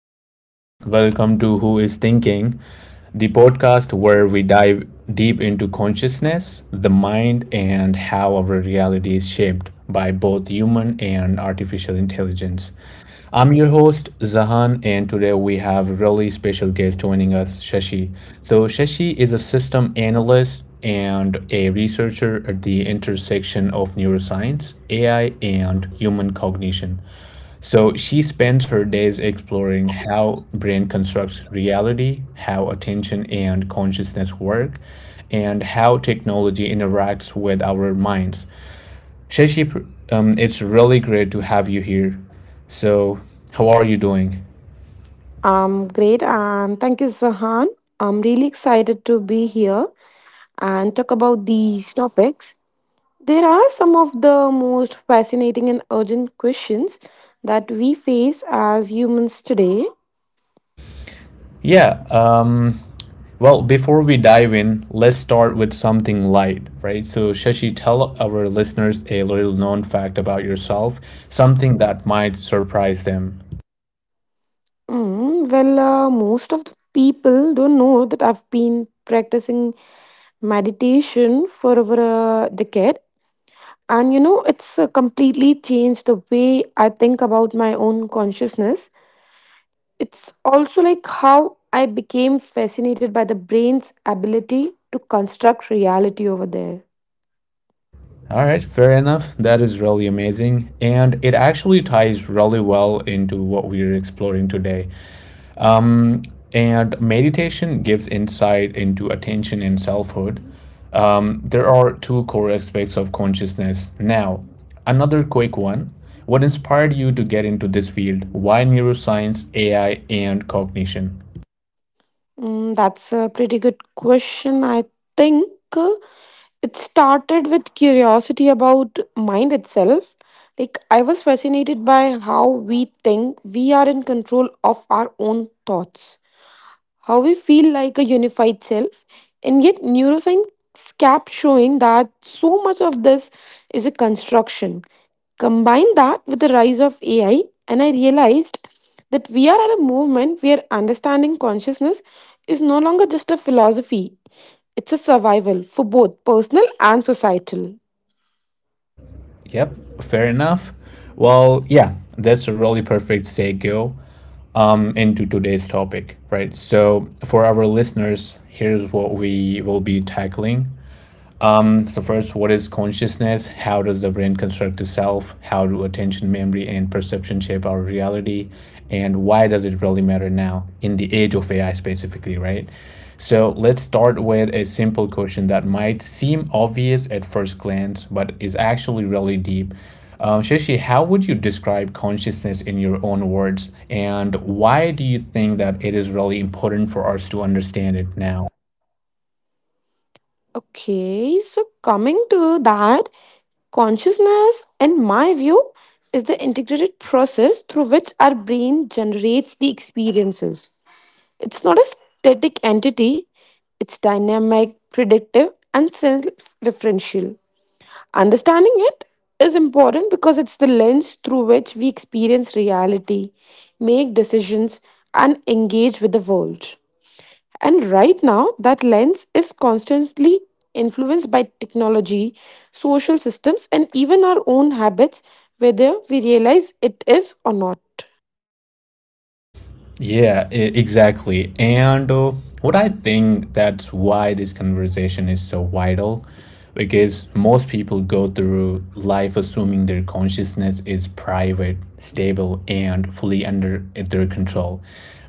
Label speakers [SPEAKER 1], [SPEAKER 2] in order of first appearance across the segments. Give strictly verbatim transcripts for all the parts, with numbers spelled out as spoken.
[SPEAKER 1] hey everyone, welcome to Who is Thinking, the podcast where we dive deep into consciousness, the mind, and how our reality is shaped by both human and artificial intelligence. I'm your host, Zahan, and today we have a really special guest joining us, Shashi. So, Shashi is a system analyst and a researcher at the intersection of neuroscience, A I, and human cognition. So she spends her days exploring how brain constructs reality, how attention and consciousness work, and how technology interacts with our minds. Shashi, um, it's really great to have you here. So, how are you doing?
[SPEAKER 2] Um. Great and thank you, Zahan. I'm really excited to be here and talk about these topics. There are some of the most fascinating and urgent questions that we face as humans today.
[SPEAKER 1] Yeah, um, well, before we dive in, let's start with something light, right? So, Shashi, tell our listeners a little known fact about yourself, something that might surprise them.
[SPEAKER 2] Mm, well, uh, most of the people don't know that I've been practicing meditation for over a decade. And you know, it's uh, completely changed the way I think about my own consciousness. It's also like how I became fascinated by the brain's ability to construct reality over there.
[SPEAKER 1] All right, fair enough. That is really amazing. And it actually ties really well into what we are exploring today. Um, and meditation gives insight into attention and selfhood. Um, there are two core aspects of consciousness. Now, another quick one. What inspired you to get into this field? Why neuroscience, A I, and cognition?
[SPEAKER 2] Mm, that's a pretty good question. I think uh, it started with curiosity about mind itself. Like, I was fascinated by how we think we are in control of our own thoughts, how we feel like a unified self. And yet, neuroscience kept showing that so much of this is a construction. Combine that with the rise of A I, and I realized that we are at a moment where understanding consciousness is no longer just a philosophy, it's a survival for both personal and societal.
[SPEAKER 1] Yep, fair enough. Well, yeah, that's a really perfect segue um, into today's topic, right? So, for our listeners, here's what we will be tackling, um, so first, what is consciousness? How does the brain construct itself? How do attention, memory, and perception shape our reality? And why does it really matter now in the age of A I specifically, right? So let's start with a simple question that might seem obvious at first glance, but is actually really deep. Um, Shashi, how would you describe consciousness in your own words? And why do you think that it is really important for us to understand it now?
[SPEAKER 2] Okay, so coming to that, consciousness, in my view, is the integrated process through which our brain generates the experiences. It's not a static entity, it's dynamic, predictive, and self referential. Understanding it is important because it's the lens through which we experience reality, make decisions, and engage with the world. And right now, that lens is constantly influenced by technology, social systems, and even our own habits, whether we realize it is or not.
[SPEAKER 1] Yeah, e- exactly. And uh, what I think, that's why this conversation is so vital, because most people go through life assuming their consciousness is private, stable, and fully under their control.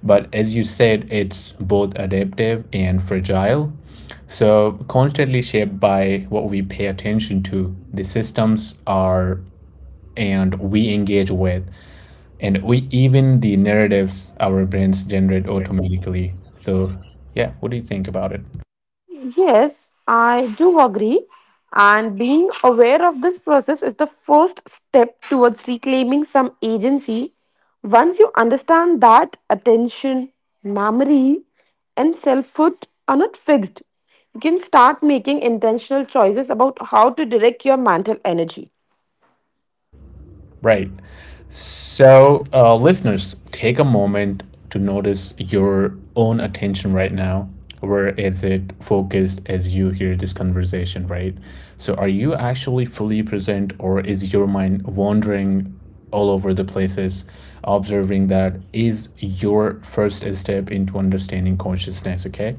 [SPEAKER 1] But as you said, it's both adaptive and fragile. So, constantly shaped by what we pay attention to, the systems are and we engage with and we even the narratives our brains generate automatically. So yeah, what do you think about it?
[SPEAKER 2] Yes, I do agree. And being aware of this process is the first step towards reclaiming some agency. Once you understand that attention, memory, and self worth are not fixed, you can start making intentional choices about how to direct your mental energy.
[SPEAKER 1] Right, so uh, listeners, take a moment to notice your own attention right now. Where is it focused as you hear this conversation, right? So are you actually fully present or is your mind wandering all over the places? Observing that is your first step into understanding consciousness. Okay,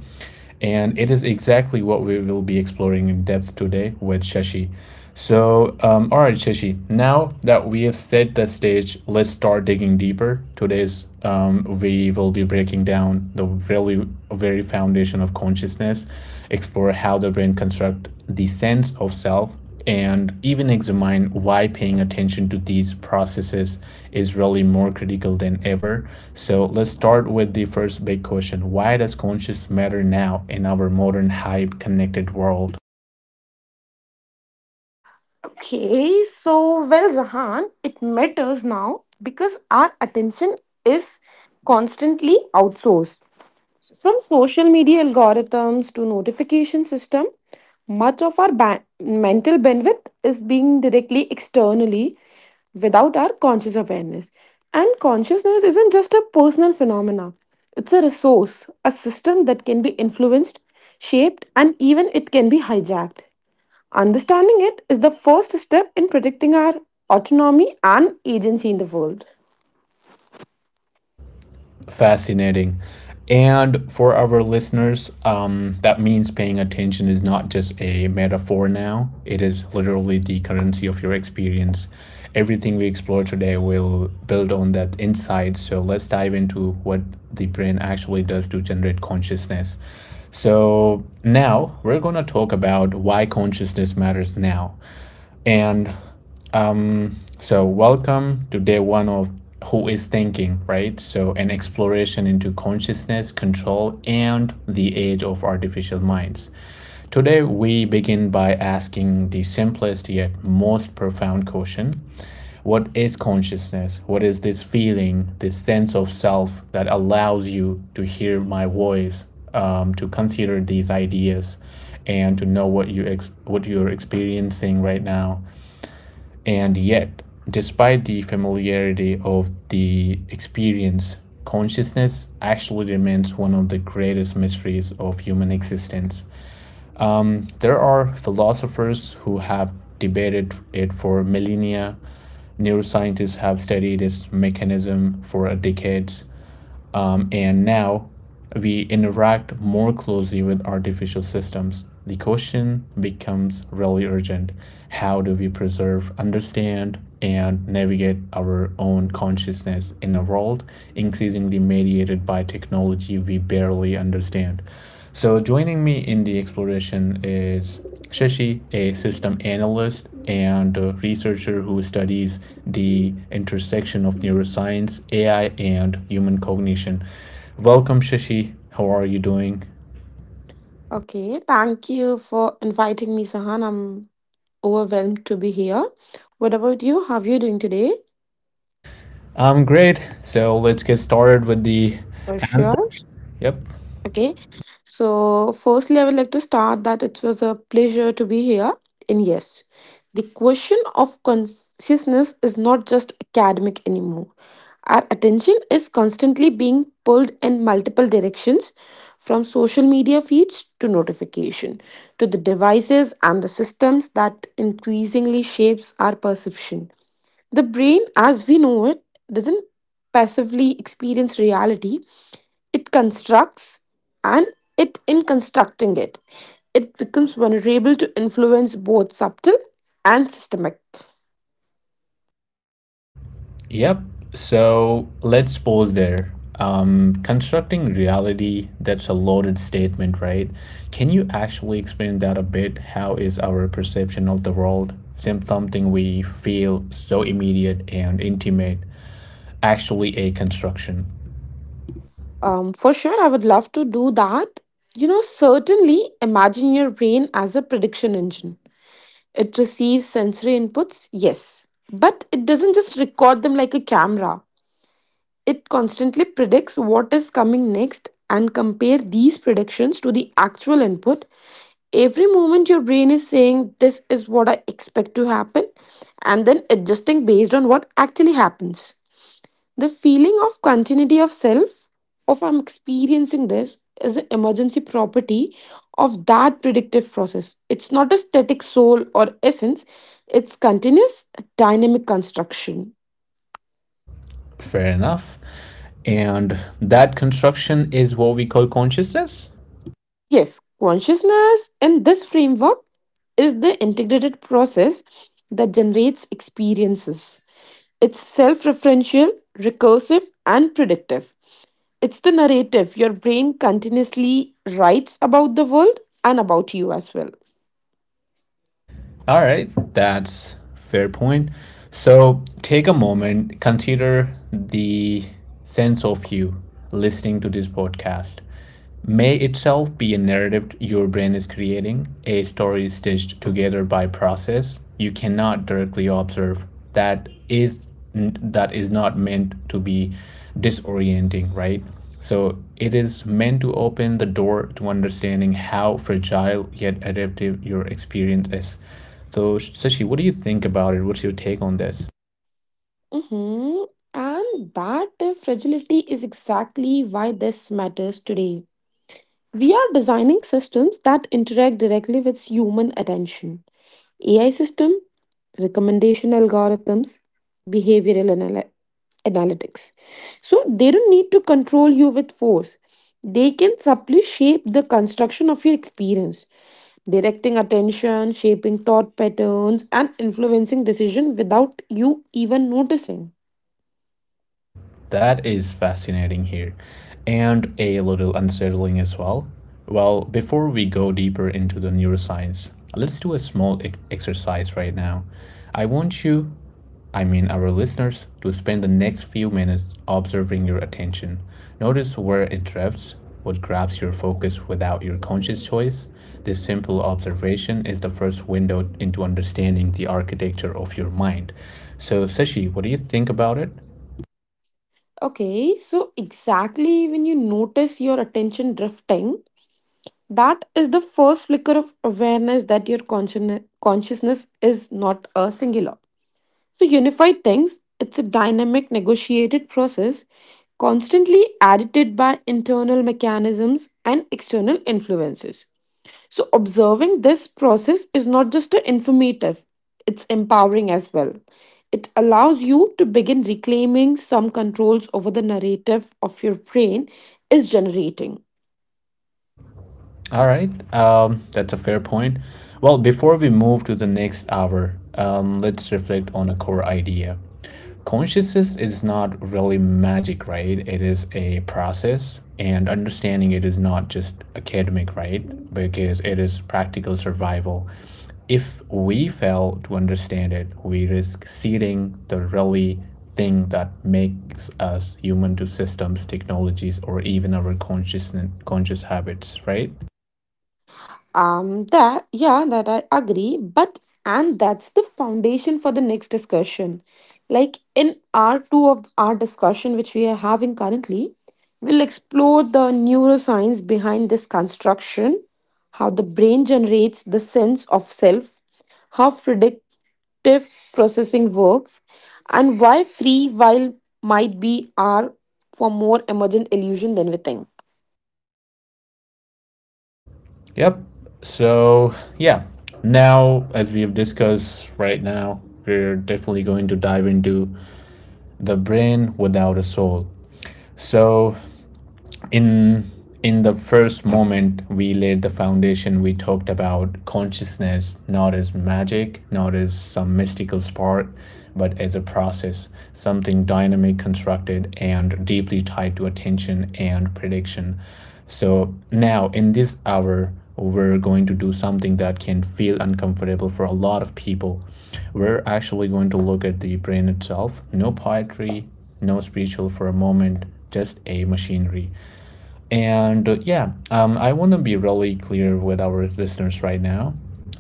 [SPEAKER 1] and it is exactly what we will be exploring in depth today with Shashi. So, um, all right, Shashi, now that we have set the stage, let's start digging deeper. Today's um, We will be breaking down the really very foundation of consciousness, explore how the brain construct the sense of self and even examine why paying attention to these processes is really more critical than ever. So let's start with the first big question. Why does conscious matter now in our modern hype connected world?
[SPEAKER 2] Okay, so well, Zahan, it matters now because our attention is constantly outsourced. From social media algorithms to notification system, much of our ba- mental bandwidth is being directly externally without our conscious awareness. And consciousness isn't just a personal phenomena. It's a resource, a system that can be influenced, shaped, and even it can be hijacked. Understanding it is the first step in protecting our autonomy and agency in the world.
[SPEAKER 1] Fascinating. And for our listeners, um, that means paying attention is not just a metaphor now, it is literally the currency of your experience. Everything we explore today will build on that insight. So let's dive into what the brain actually does to generate consciousness. So now we're going to talk about why consciousness matters now. And um, so welcome to day one of Who is Thinking, right? So an exploration into consciousness, control, and the age of artificial minds. Today we begin by asking the simplest yet most profound question. What is consciousness? What is this feeling, this sense of self that allows you to hear my voice, um, to consider these ideas, and to know what you ex- what you're experiencing right now? And yet, despite the familiarity of the experience, consciousness actually remains one of the greatest mysteries of human existence. There are philosophers who have debated it for millennia. Neuroscientists have studied its mechanism for decades. Um, and now we interact more closely with artificial systems. The question becomes really urgent. How do we preserve, understand, and navigate our own consciousness in a world increasingly mediated by technology we barely understand? So, joining me in the exploration is Shashi, a system analyst and a researcher who studies the intersection of neuroscience, A I, and human cognition. Welcome, Shashi. How are you doing?
[SPEAKER 2] Okay, thank you for inviting me, Sahan. I'm overwhelmed to be here. What about you? How are you doing today?
[SPEAKER 1] I'm great. So, let's get started with the
[SPEAKER 2] For
[SPEAKER 1] answer.
[SPEAKER 2] sure.
[SPEAKER 1] Yep.
[SPEAKER 2] Okay. So, firstly, I would like to start that it was a pleasure to be here. And yes, the question of consciousness is not just academic anymore. Our attention is constantly being pulled in multiple directions from social media feeds to notification to the devices and the systems that increasingly shapes our perception. The brain, as we know it, doesn't passively experience reality, it constructs and it, in constructing it, it becomes vulnerable to influence both subtle and systemic.
[SPEAKER 1] Yep. So let's pause there. Um, constructing reality, that's a loaded statement, right? Can you actually explain that a bit? How is our perception of the world, some- something we feel so immediate and intimate, actually a construction?
[SPEAKER 2] Um, for sure, I would love to do that. You know, certainly imagine your brain as a prediction engine. It receives sensory inputs, yes, but it doesn't just record them like a camera. It constantly predicts what is coming next and compare these predictions to the actual input. Every moment your brain is saying this is what I expect to happen and then adjusting based on what actually happens. The feeling of continuity of self of I'm experiencing this is an emergency property of that predictive process. It's not a static soul or essence, it's continuous dynamic construction.
[SPEAKER 1] Fair enough. And that construction is what we call consciousness?
[SPEAKER 2] Yes, consciousness in this framework is the integrated process that generates experiences. It's self referential, recursive, and predictive. It's the narrative your brain continuously writes about the world and about you as well.
[SPEAKER 1] All right, that's fair point. So take a moment, consider the sense of you listening to this podcast. May itself be a narrative your brain is creating, a story stitched together by process you cannot directly observe. That is that is not meant to be disorienting, right? So it is meant to open the door to understanding how fragile yet adaptive your experience is. So Sashi, what do you think about it? What's your take on this?
[SPEAKER 2] Hmm. And that uh, fragility is exactly why this matters today. We are designing systems that interact directly with human attention. A I system, recommendation algorithms, behavioral anal- analytics. So they don't need to control you with force. They can subtly shape the construction of your experience, directing attention, shaping thought patterns, and influencing decision without you even noticing.
[SPEAKER 1] So that is fascinating here and a little unsettling as well. Well, before we go deeper into the neuroscience, let's do a small e- exercise right now. I want you, I mean our listeners, to spend the next few minutes observing your attention. Notice where it drifts, what grabs your focus without your conscious choice. This simple observation is the first window into understanding the architecture of your mind. So, Sashi, what do you think about it?
[SPEAKER 2] Okay, so exactly when you notice your attention drifting, that is the first flicker of awareness that your conscien- consciousness is not a singular. So, unified things, it's a dynamic, negotiated process constantly added by internal mechanisms and external influences. So, observing this process is not just a informative, it's empowering as well. It allows you to begin reclaiming some controls over the narrative of your brain is generating.
[SPEAKER 1] All right, um, that's a fair point. Well, before we move to the next hour, um, let's reflect on a core idea. Consciousness is not really magic, right? It is a process, and understanding it is not just academic, right? Because it is practical survival. If we fail to understand it, we risk ceding the really thing that makes us human to systems, technologies, or even our consciousness, conscious habits, right?
[SPEAKER 2] Um, that, yeah, that I agree. But, and that's the foundation for the next discussion. Like in our two of our discussion, which we are having currently, we'll explore the neuroscience behind this construction, how the brain generates the sense of self, how predictive processing works, and why free while might be are for more emergent illusion than we think.
[SPEAKER 1] Yep. So, yeah. Now, as we have discussed right now, we're definitely going to dive into the brain without a soul. So, in in the first moment we laid the foundation. We talked about consciousness not as magic, not as some mystical spark, but as a process, something dynamic, constructed, and deeply tied to attention and prediction. So now in this hour we're going to do something that can feel uncomfortable for a lot of people. We're actually going to look at the brain itself. No poetry, no spiritual for a moment, just a machinery. And uh, yeah, um, I want to be really clear with our listeners right now.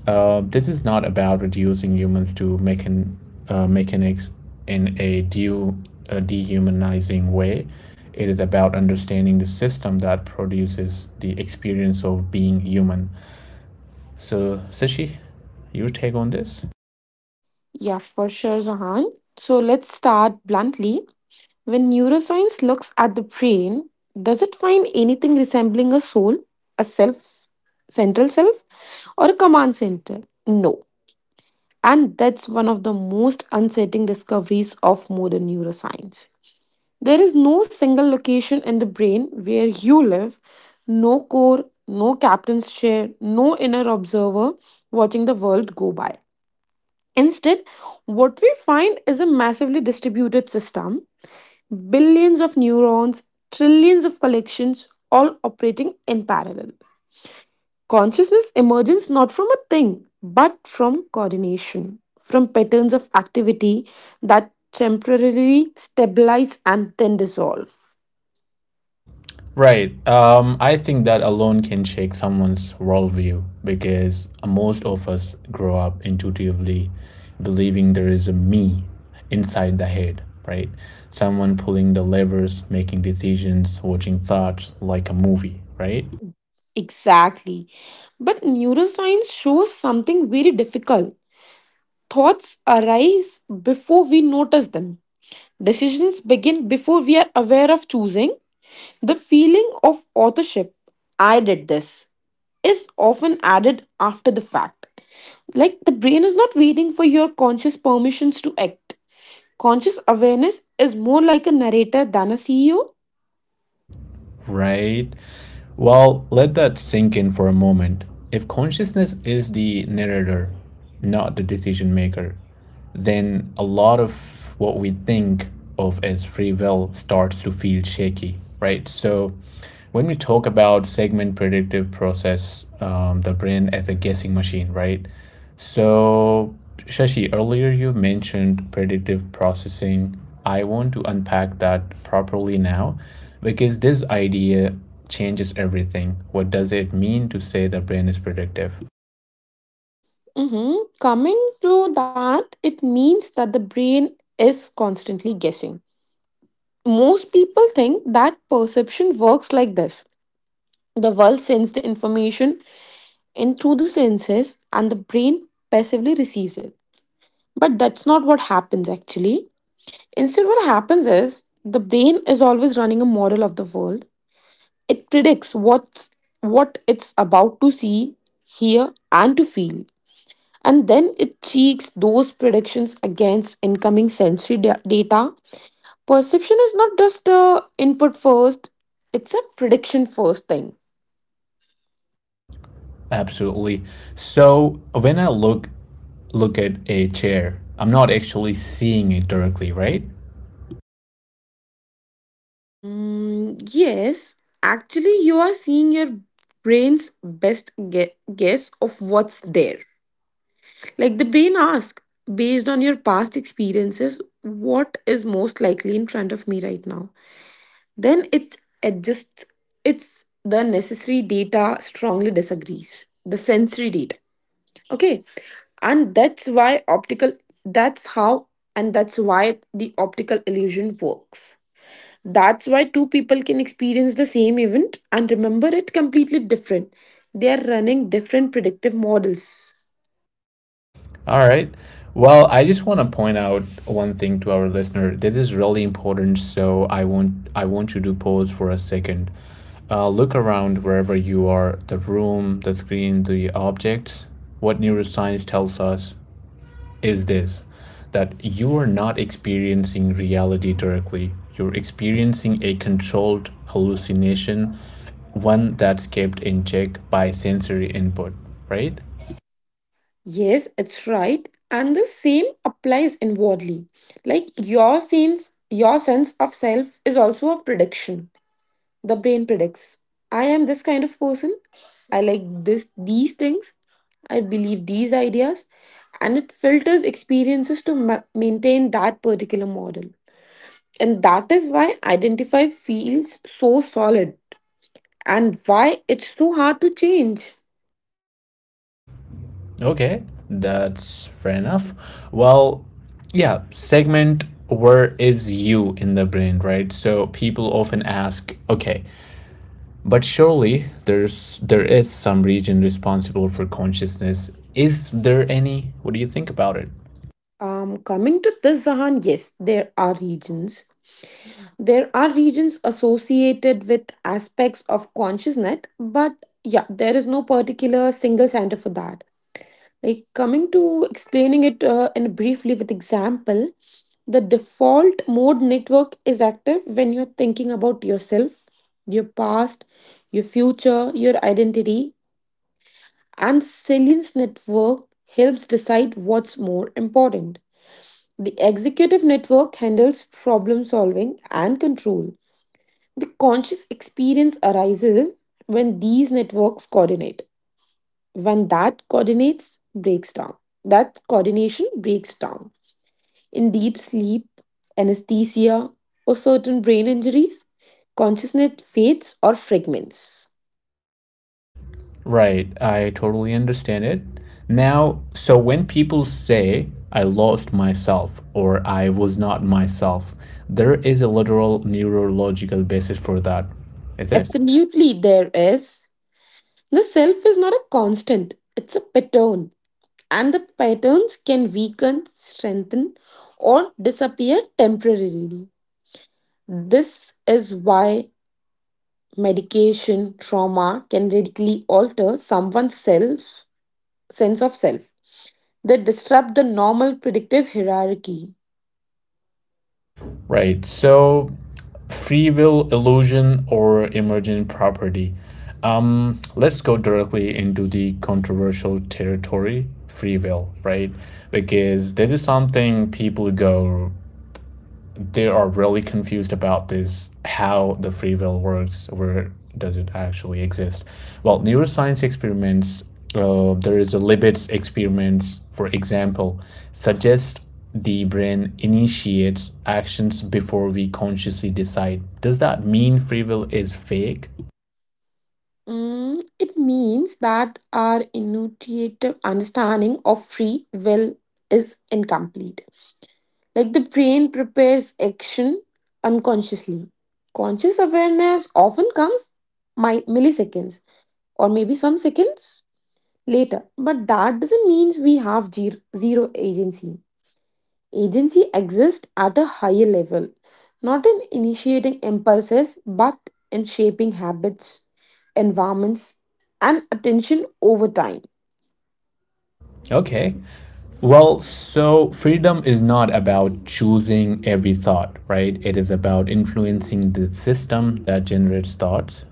[SPEAKER 1] Uh, this is not about reducing humans to mechan- uh, mechanics in a, de- a dehumanizing way. It is about understanding the system that produces the experience of being human. So, Sishi, your take on this?
[SPEAKER 2] Yeah, for sure, Zahan. So let's start bluntly. When neuroscience looks at the brain, does it find anything resembling a soul, a self, central self, or a command center? No. And that's one of the most unsettling discoveries of modern neuroscience. There is no single location in the brain where you live, no core, no captain's chair, no inner observer watching the world go by. Instead, what we find is a massively distributed system billions of neurons, trillions of collections, all operating in parallel. Consciousness emerges not from a thing, but from coordination, from patterns of activity that temporarily stabilize and then dissolve.
[SPEAKER 1] Right. Um, I think that alone can shake someone's worldview, because most of us grow up intuitively believing there is a me inside the head, right? Someone pulling the levers, making decisions, watching thoughts like a movie, right?
[SPEAKER 2] Exactly. But neuroscience shows something very difficult. Thoughts arise before we notice them. Decisions begin before we are aware of choosing. The feeling of authorship I did this is often added after the fact. Like the brain is not waiting for your conscious permissions to act. Conscious awareness is more like a narrator than a C E O.
[SPEAKER 1] Right? Well, let that sink in for a moment. If consciousness is the narrator, not the decision maker, then a lot of what we think of as free will starts to feel shaky, right? So, when we talk about segment predictive process, um, the brain as a guessing machine, right? So, Shashi, earlier you mentioned predictive processing. I want to unpack that properly now because this idea changes everything. What does it mean to say the brain is predictive?
[SPEAKER 2] Mhm. Coming to that, it means that the brain is constantly guessing. Most people think that perception works like this the world sends the information in through the senses, and the brain passively receives it. But that's not what happens actually. Instead, what happens is the brain is always running a model of the world. It predicts what's what it's about to see, hear, and to feel. And then it checks those predictions against incoming sensory da- data. Perception is not just a input first, it's a prediction first thing.
[SPEAKER 1] Absolutely. So, when I look look at a chair, I'm not actually seeing it directly, right?
[SPEAKER 2] Um, yes, actually, you are seeing your brain's best ge- guess of what's there. Like the brain asks, based on your past experiences, what is most likely in front of me right now? Then it adjusts its the necessary data strongly disagrees. The sensory data. Okay. And that's why optical that's how and that's why the optical illusion works. That's why two people can experience the same event and remember it completely different. They are running different predictive models.
[SPEAKER 1] All right. Well, I just want to point out one thing to our listener. This is really important, so I want I want you to pause for a second. Uh, look around wherever you are, the room, the screen, the objects. What neuroscience tells us is this, that you are not experiencing reality directly. You're experiencing a controlled hallucination, one that's kept in check by sensory input, right?
[SPEAKER 2] Yes, it's right. And the same applies inwardly. Like your sense, your sense of self is also a prediction. The brain predicts. I am this kind of person. I like this these things. I believe these ideas. And it filters experiences to ma- maintain that particular model. And that is why identify feels so solid and why it's so hard to change.
[SPEAKER 1] Okay, that's fair enough. Well, yeah, segment where is you in the brain, right? So people often ask, okay, but surely there's there is some region responsible for consciousness. Is there any? What do you think about it?
[SPEAKER 2] Um, coming to this, Zahan, yes, there are regions there are regions associated with aspects of consciousness, but yeah, there is no particular single center for that. Like coming to explaining it uh, in briefly with example, the default mode network is active when you're thinking about yourself, your past, your future, your identity, and the salience network helps decide what's more important. The executive network handles problem solving and control the conscious experience arises when these networks coordinate. When that coordinates breaks down, that coordination breaks down. In deep sleep, anesthesia, or certain brain injuries, consciousness fades or fragments.
[SPEAKER 1] Right, I totally understand it. Now, so when people say I lost myself or I was not myself, there is a literal neurological basis for that. Is it?
[SPEAKER 2] Absolutely, there is. The self is not a constant, it's a pattern, and the patterns can weaken, strengthen, or disappear temporarily. This is why medication, trauma can radically alter someone's self, sense of self. They disrupt the normal predictive hierarchy.
[SPEAKER 1] Right. So, free will illusion or emergent property. Um, let's go directly into the controversial territory, free will, right? Because this is something people go, they are really confused about this. How the free will works, where does it actually exist? Well, neuroscience experiments, uh, there is a Libet's experiments for example, suggest the brain initiates actions before we consciously decide. Does that mean free will is fake?
[SPEAKER 2] Mm, it means that our intuitive understanding of free will is incomplete. Like the brain prepares action unconsciously. Conscious awareness often comes mi- milliseconds or maybe some seconds later, but that doesn't mean we have zero, zero agency. Agency exists at a higher level, not in initiating impulses, but in shaping habits, environments, and attention over time.
[SPEAKER 1] Okay, well, so freedom is not about choosing every thought, right? It is about influencing the system that generates thoughts.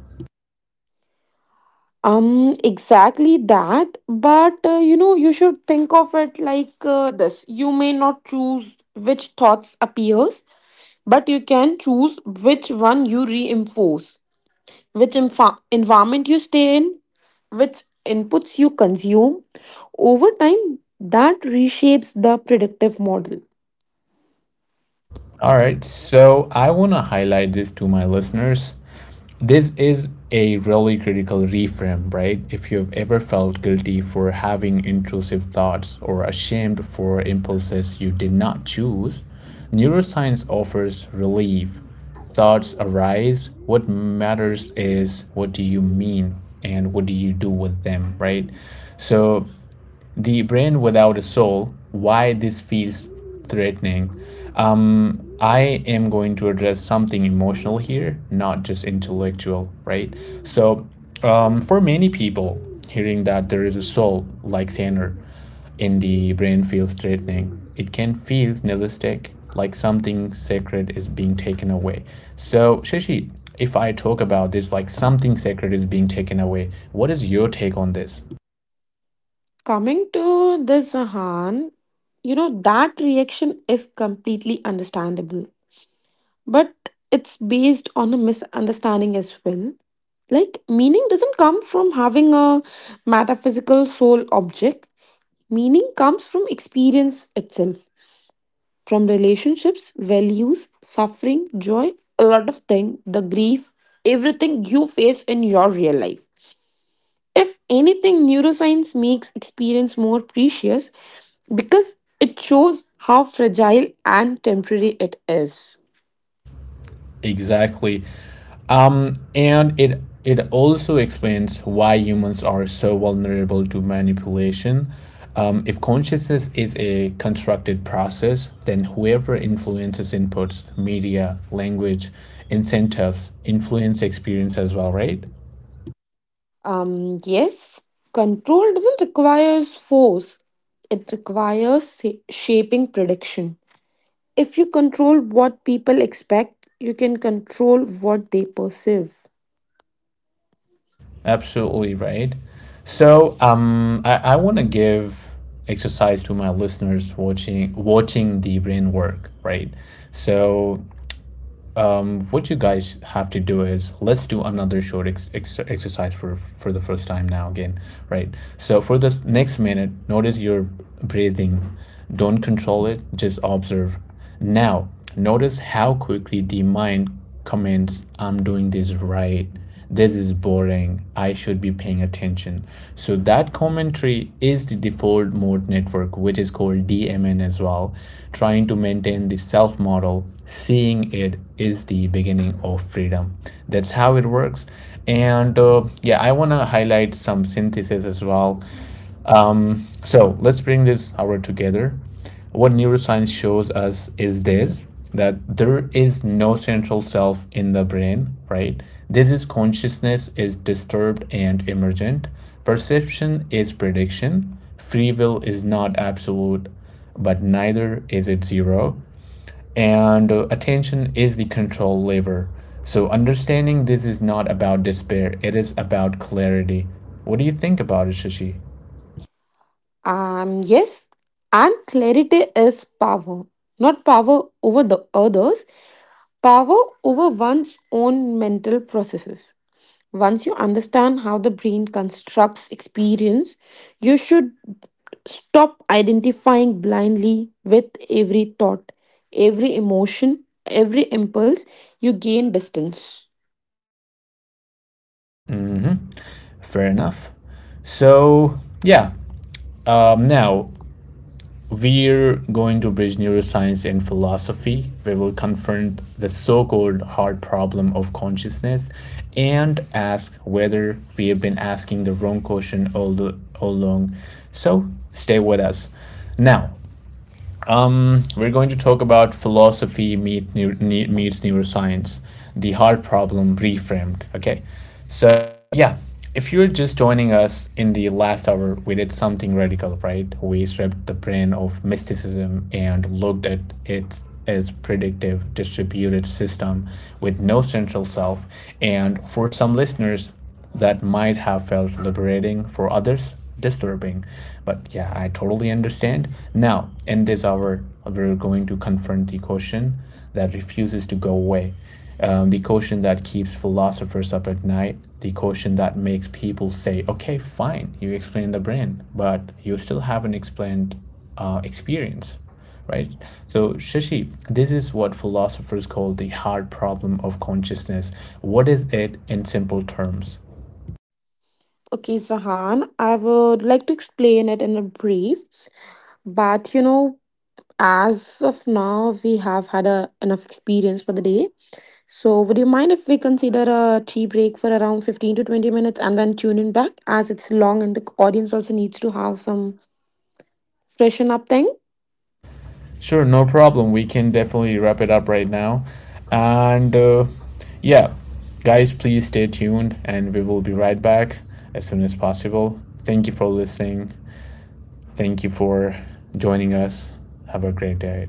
[SPEAKER 2] Um, exactly that. But uh, you know, you should think of it like uh, this. You may not choose which thoughts appears, but you can choose which one you reinforce. Which enfa- environment you stay in, which inputs you consume. Over time, that reshapes the predictive model.
[SPEAKER 1] All right, so I want to highlight this to my listeners. This is a really critical reframe, right? If you've ever felt guilty for having intrusive thoughts or ashamed for impulses you did not choose, neuroscience offers relief. Thoughts arise. What matters is what do you mean and what do you do with them, right? So the brain without a soul, why this feels threatening. um, I am going to address something emotional here, not just intellectual, right? So um, for many people, hearing that there is a soul like Sander in the brain feels threatening. It can feel nihilistic, like something sacred is being taken away. So, Shashi, if I talk about this like something sacred is being taken away, what is your take on this?
[SPEAKER 2] Coming to this, Han, you know, that reaction is completely understandable, but it's based on a misunderstanding as well. Like, meaning doesn't come from having a metaphysical soul object, meaning comes from experience itself. From relationships, values, suffering, joy, a lot of things, the grief, everything you face in your real life. If anything, neuroscience makes experience more precious because it shows how fragile and temporary it is.
[SPEAKER 1] Exactly. Um, and it it also explains why humans are so vulnerable to manipulation. Um, if consciousness is a constructed process, then whoever influences inputs, media, language, incentives, influence experience as well, right?
[SPEAKER 2] Um, yes, control doesn't require force, it requires sa- shaping prediction. If you control what people expect, you can control what they perceive.
[SPEAKER 1] Absolutely right. So um, I, I want to give exercise to my listeners, watching watching the brain work, right? So um, what you guys have to do is, let's do another short ex- ex- exercise for for the first time now again, right? So for this next minute, notice your breathing. Don't control it, just observe. Now, notice how quickly the mind comments, "I'm doing this right. This is boring, I should be paying attention." So that commentary is the default mode network, which is called D M N as well. Trying to maintain the self model, seeing it is the beginning of freedom. That's how it works. And uh, yeah, I want to highlight some synthesis as well. Um, so let's bring this hour together. What neuroscience shows us is this, that there is no central self in the brain, right? This is, consciousness is disturbed and emergent. Perception is prediction. Free will is not absolute, but neither is it zero. And uh, attention is the control lever. So understanding this is not about despair, it is about clarity. What do you think about it, Shashi?
[SPEAKER 2] Um, yes, and clarity is power. Not power over the others, power over one's own mental processes. Once you understand how the brain constructs experience, you should stop identifying blindly with every thought, every emotion, every impulse. You gain distance.
[SPEAKER 1] Hmm. Fair enough. So, yeah. Um, now, we're going to bridge neuroscience and philosophy. We will confront the so called hard problem of consciousness and ask whether we have been asking the wrong question all, the, all along. So, stay with us. Now, um, we're going to talk about philosophy meet neu- meets neuroscience, the heart problem reframed. Okay, so yeah, if you're just joining us, in the last hour we did something radical, right? We stripped the brain of mysticism and looked at it as predictive distributed system with no central self, and for some listeners that might have felt liberating, for others disturbing, but yeah, I totally understand. Now, in this hour, we're going to confront the question that refuses to go away, um, the question that keeps philosophers up at night, the question that makes people say, okay, fine, you explain the brain but you still haven't explained uh, experience, right? So, Shashi, this is what philosophers call the hard problem of consciousness. What is it in simple terms?
[SPEAKER 2] Okay, Sahan, I would like to explain it in a brief, but you know, as of now, we have had a, enough experience for the day. So, would you mind if we consider a tea break for around fifteen to twenty minutes and then tune in back as it's long and the audience also needs to have some freshen up thing?
[SPEAKER 1] Sure, no problem. We can definitely wrap it up right now. And uh, yeah, guys, please stay tuned and we will be right back as soon as possible. Thank you for listening. Thank you for joining us. Have a great day.